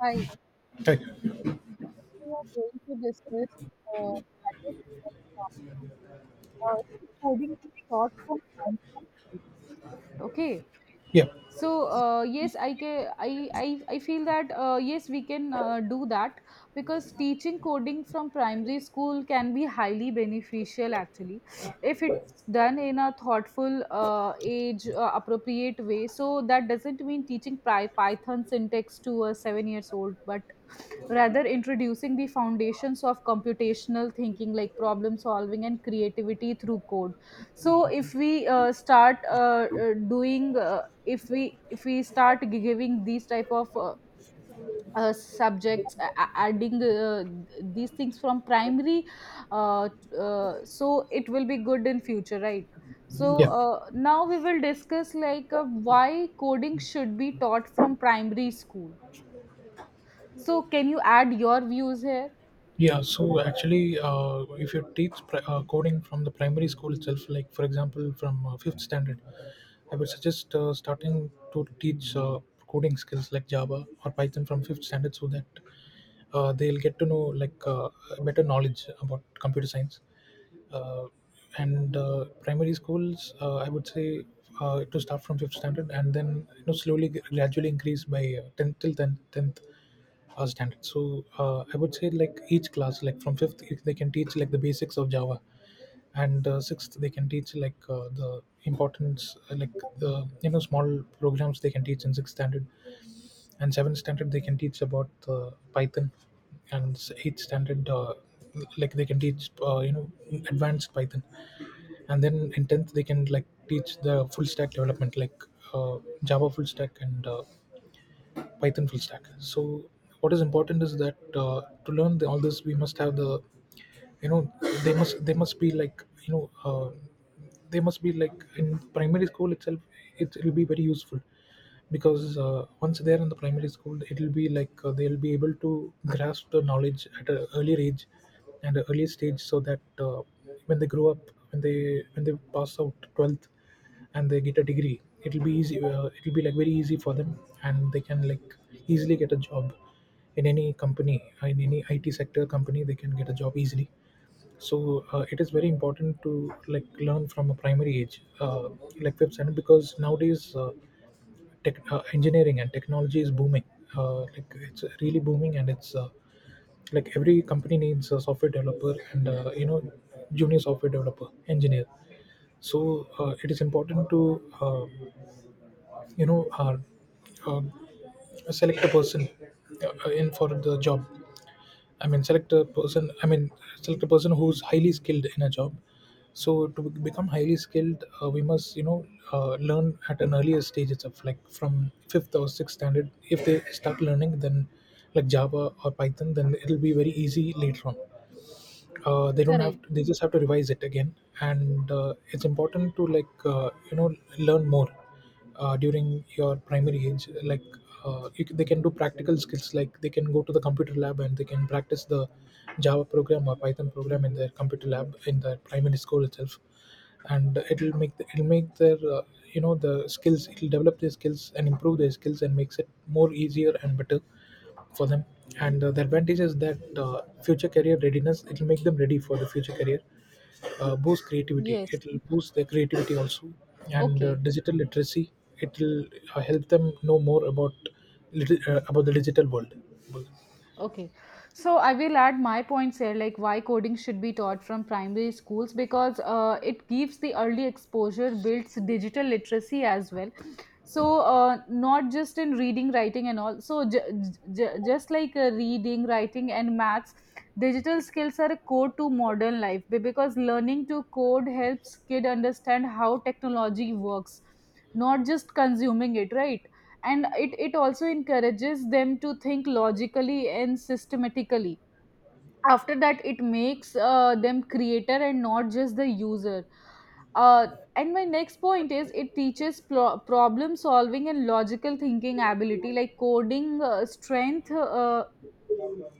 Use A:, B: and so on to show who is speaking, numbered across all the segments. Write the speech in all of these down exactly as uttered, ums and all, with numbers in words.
A: Hi.
B: Right.
A: Today we are going to discuss uh, that is uh, topic, uh, coding is taught from scientific. Okay.
B: Yeah.
A: So uh, yes, I can. I I I feel that uh, yes, we can uh, do that, because teaching coding from primary school can be highly beneficial actually, if it's done in a thoughtful, uh, age uh, appropriate way. So that doesn't mean teaching Py- Python syntax to a seven years old, but rather introducing the foundations of computational thinking like problem solving and creativity through code. So if we uh, start uh, uh, doing uh, if we if we start giving these type of uh, uh, subjects, a- a- adding uh, these things from primary, uh, uh, so it will be good in future, right? So
B: Yeah.
A: uh, now we will discuss like uh, why coding should be taught from primary school. So can you add your views here?
B: Yeah. So actually, uh, if you teach pri- uh, coding from the primary school itself, like for example, from uh, fifth standard, I would suggest uh, starting to teach uh, coding skills like Java or Python from fifth standard, so that uh, they'll get to know like uh, better knowledge about computer science. Uh, and uh, primary schools, uh, I would say, uh, to start from fifth standard, and then you know slowly, gradually increase by uh, tenth till tenth, tenth First standard. So uh, I would say like each class, like from fifth, if they can teach like the basics of Java, and uh, sixth they can teach like uh, the importance, uh, like the you know small programs they can teach in sixth standard, and seventh standard they can teach about uh, Python, and s- eighth standard. Uh, like they can teach uh, you know advanced python, and then in tenth they can like teach the full stack development like uh, java full stack and uh, python full stack. So what is important is that uh, to learn the, all this we must have the you know they must they must be like you know uh, they must be like in primary school itself. It will be very useful because uh, once they're in the primary school, it'll be like uh, they'll be able to grasp the knowledge at an earlier age and an early stage, so that uh, when they grow up, when they when they pass out twelfth and they get a degree, it'll be easy uh, it'll be like very easy for them, and they can like easily get a job in any company, in any I T sector company they can get a job easily. So uh, it is very important to like learn from a primary age, uh, like web standard, because nowadays uh, tech, uh, engineering and technology is booming. Uh, like it's really booming, and it's uh, like every company needs a software developer and uh, you know junior software developer engineer. So uh, it is important to uh, you know uh, uh, select a person uh, in for the job I mean, Select a person. I mean, select a person who's highly skilled in a job. So to be- become highly skilled, uh, we must you know uh, learn at an earlier stage itself, like from fifth or sixth standard. If they start learning, then like Java or Python, then it'll be very easy later on. Uh, they don't
A: Correct.
B: have to, they just have to revise it again, and uh, it's important to like uh, you know learn more uh, during your primary age, like uh, you, c- they can do practical skills, like they can go to the computer lab and they can practice the java program or python program in their computer lab in their primary school itself, and it'll make the, it'll make their uh, you know the skills, it'll develop their skills and improve their skills and makes it more easier and better for them. And uh, the advantage is that uh, future career readiness, it will make them ready for the future career. Uh, boost creativity,
A: Yes.
B: it will boost their creativity also, and uh,
A: Okay.
B: digital literacy, it will uh, help them know more about lit- uh, about the digital world.
A: Okay. So I will add my points here, like why coding should be taught from primary schools, because uh, it gives the early exposure, builds digital literacy as well. So uh, not just in reading, writing and all, so j- j- just like uh, reading, writing and maths, digital skills are a core to modern life, be- because learning to code helps kid understand how technology works, not just consuming it, right? And it, it also encourages them to think logically and systematically. After that, it makes uh, them creator and not just the user. uh, and my next point is, it teaches pro- problem solving and logical thinking ability, like coding uh, strength uh,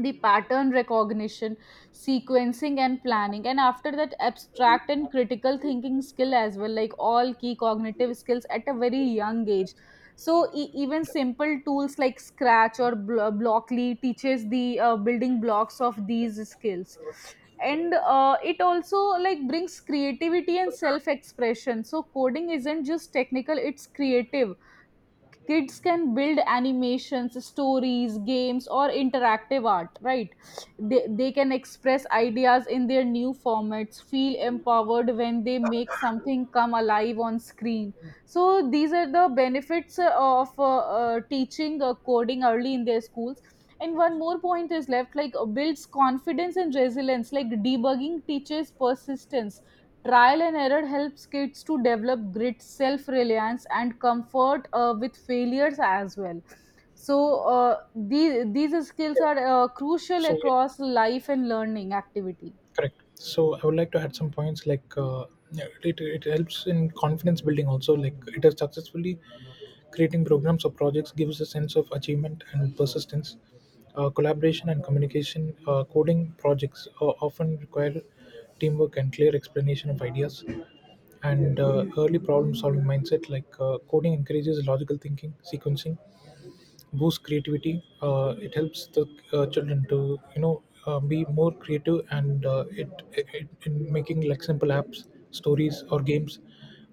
A: the pattern recognition, sequencing, and planning. And after that, abstract and critical thinking skill as well, like all key cognitive skills at a very young age. So e- even simple tools like Scratch or Bl- Blockly teaches the uh, building blocks of these skills. And uh, it also like brings creativity and self expression. So coding isn't just technical, it's creative. Kids can build animations, stories, games or interactive art, right? they, they can express ideas in their new formats, feel empowered when they make something come alive on screen. So these are the benefits uh, of uh, uh, teaching uh, coding early in their schools. And one more point is left, like uh, builds confidence and resilience, like debugging teaches persistence. Trial and error helps kids to develop grit, self reliance, and comfort uh, with failures as well. So, uh, these, these skills
B: Yeah,
A: are uh, crucial
B: so yeah,
A: across life and learning activity.
B: correct. So I would like to add some points like uh, yeah, it, it helps in confidence building also, like it has successfully creating programs or projects gives a sense of achievement and persistence. Uh, collaboration and communication, uh, coding projects uh, often require teamwork and clear explanation of ideas, and uh, early problem solving mindset, like uh, coding encourages logical thinking sequencing, boosts creativity. Uh, it helps the uh, children to you know uh, be more creative, and uh, it, it in making like simple apps, stories, or games,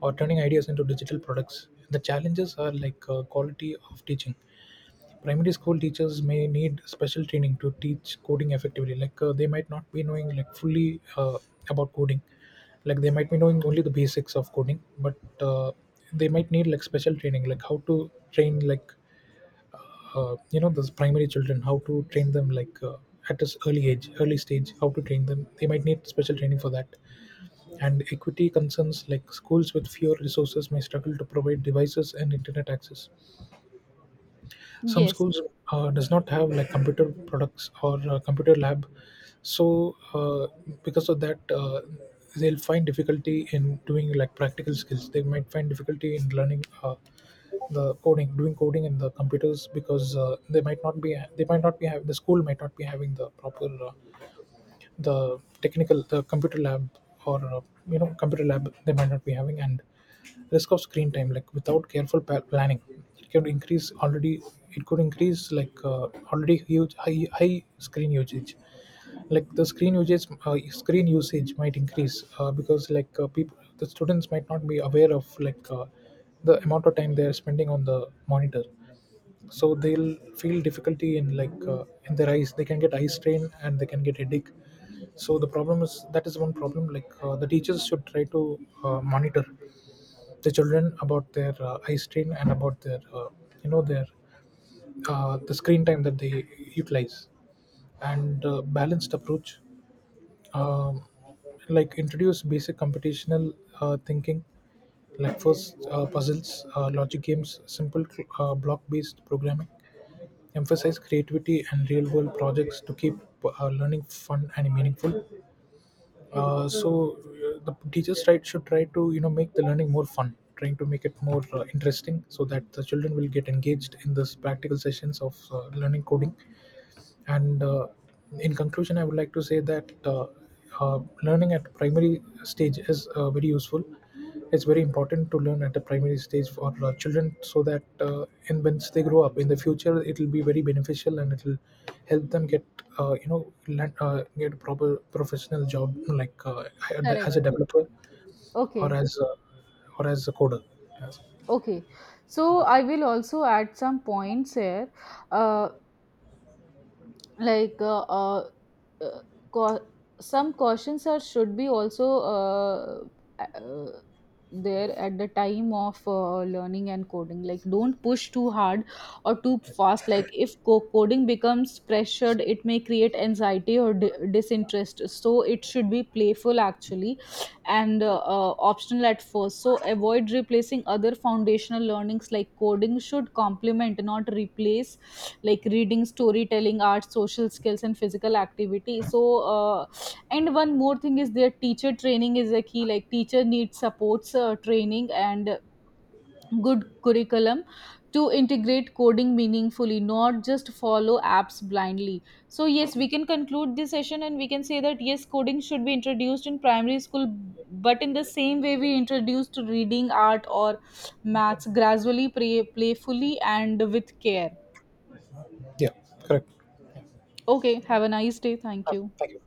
B: or turning ideas into digital products. The challenges are like uh, quality of teaching. Primary school teachers may need special training to teach coding effectively. Like uh, they might not be knowing like fully uh, about coding, like they might be knowing only the basics of coding, but uh, they might need like special training, like how to train like uh, you know those primary children, how to train them like uh, at this early age, early stage, how to train them, they might need special training for that. And equity concerns, like schools with fewer resources may struggle to provide devices and internet access. Some
A: Yes.
B: schools uh, does not have like computer products or uh, computer lab. So uh, because of that, uh, they'll find difficulty in doing like practical skills, they might find difficulty in learning uh, the coding, doing coding in the computers, because uh, they might not be they might not be have, the school might not be having the proper uh, the technical the computer lab, or uh, you know computer lab they might not be having. And risk of screen time, like without careful pa- planning, it could increase already, it could increase like uh, already huge, high high screen usage, like the screen usage, uh, screen usage might increase uh, because like uh, people, the students might not be aware of like uh, the amount of time they are spending on the monitor. So they'll feel difficulty in like uh, in their eyes, they can get eye strain and they can get headache. So the problem is that, is one problem, like uh, the teachers should try to uh, monitor the children about their uh, eye strain and about their uh, you know their uh, the screen time that they utilize. And uh, balanced approach. um, like introduce basic computational uh, thinking, like first uh, puzzles, uh, logic games, simple uh, block based programming, emphasize creativity and real world projects to keep uh, learning fun and meaningful. uh, so uh, the teachers try, should try to you know make the learning more fun, trying to make it more uh, interesting, so that the children will get engaged in this practical sessions of uh, learning coding. And uh, in conclusion, I would like to say that uh, uh, learning at primary stage is uh, very useful. It's very important to learn at the primary stage for uh, children, so that uh, in once they grow up in the future, it will be very beneficial and it will help them get uh, you know land, uh, get a proper professional job, like uh, as
A: Correct.
B: a developer, or
A: Okay.
B: as a, or as a coder.
A: Okay. So I will also add some points here. Uh, like uh, uh, uh, cau- some cautions are should be also uh, uh, there at the time of uh, learning and coding, like don't push too hard or too fast. Like if co- coding becomes pressured, it may create anxiety or di- disinterest, so it should be playful actually. And uh, uh, optional at first, so avoid replacing other foundational learnings. Like coding should complement, not replace, like reading, storytelling, art, social skills and physical activity. So uh, and one more thing is, their teacher training is a key, like teacher needs supports, uh, training and good curriculum to integrate coding meaningfully, not just follow apps blindly. So yes, we can conclude this session and we can say that yes, coding should be introduced in primary school, but in the same way we introduced reading, art or maths gradually, play, playfully and with care.
B: Yeah, correct.
A: Okay, have a nice day. Thank
B: Ah,
A: you.
B: thank you.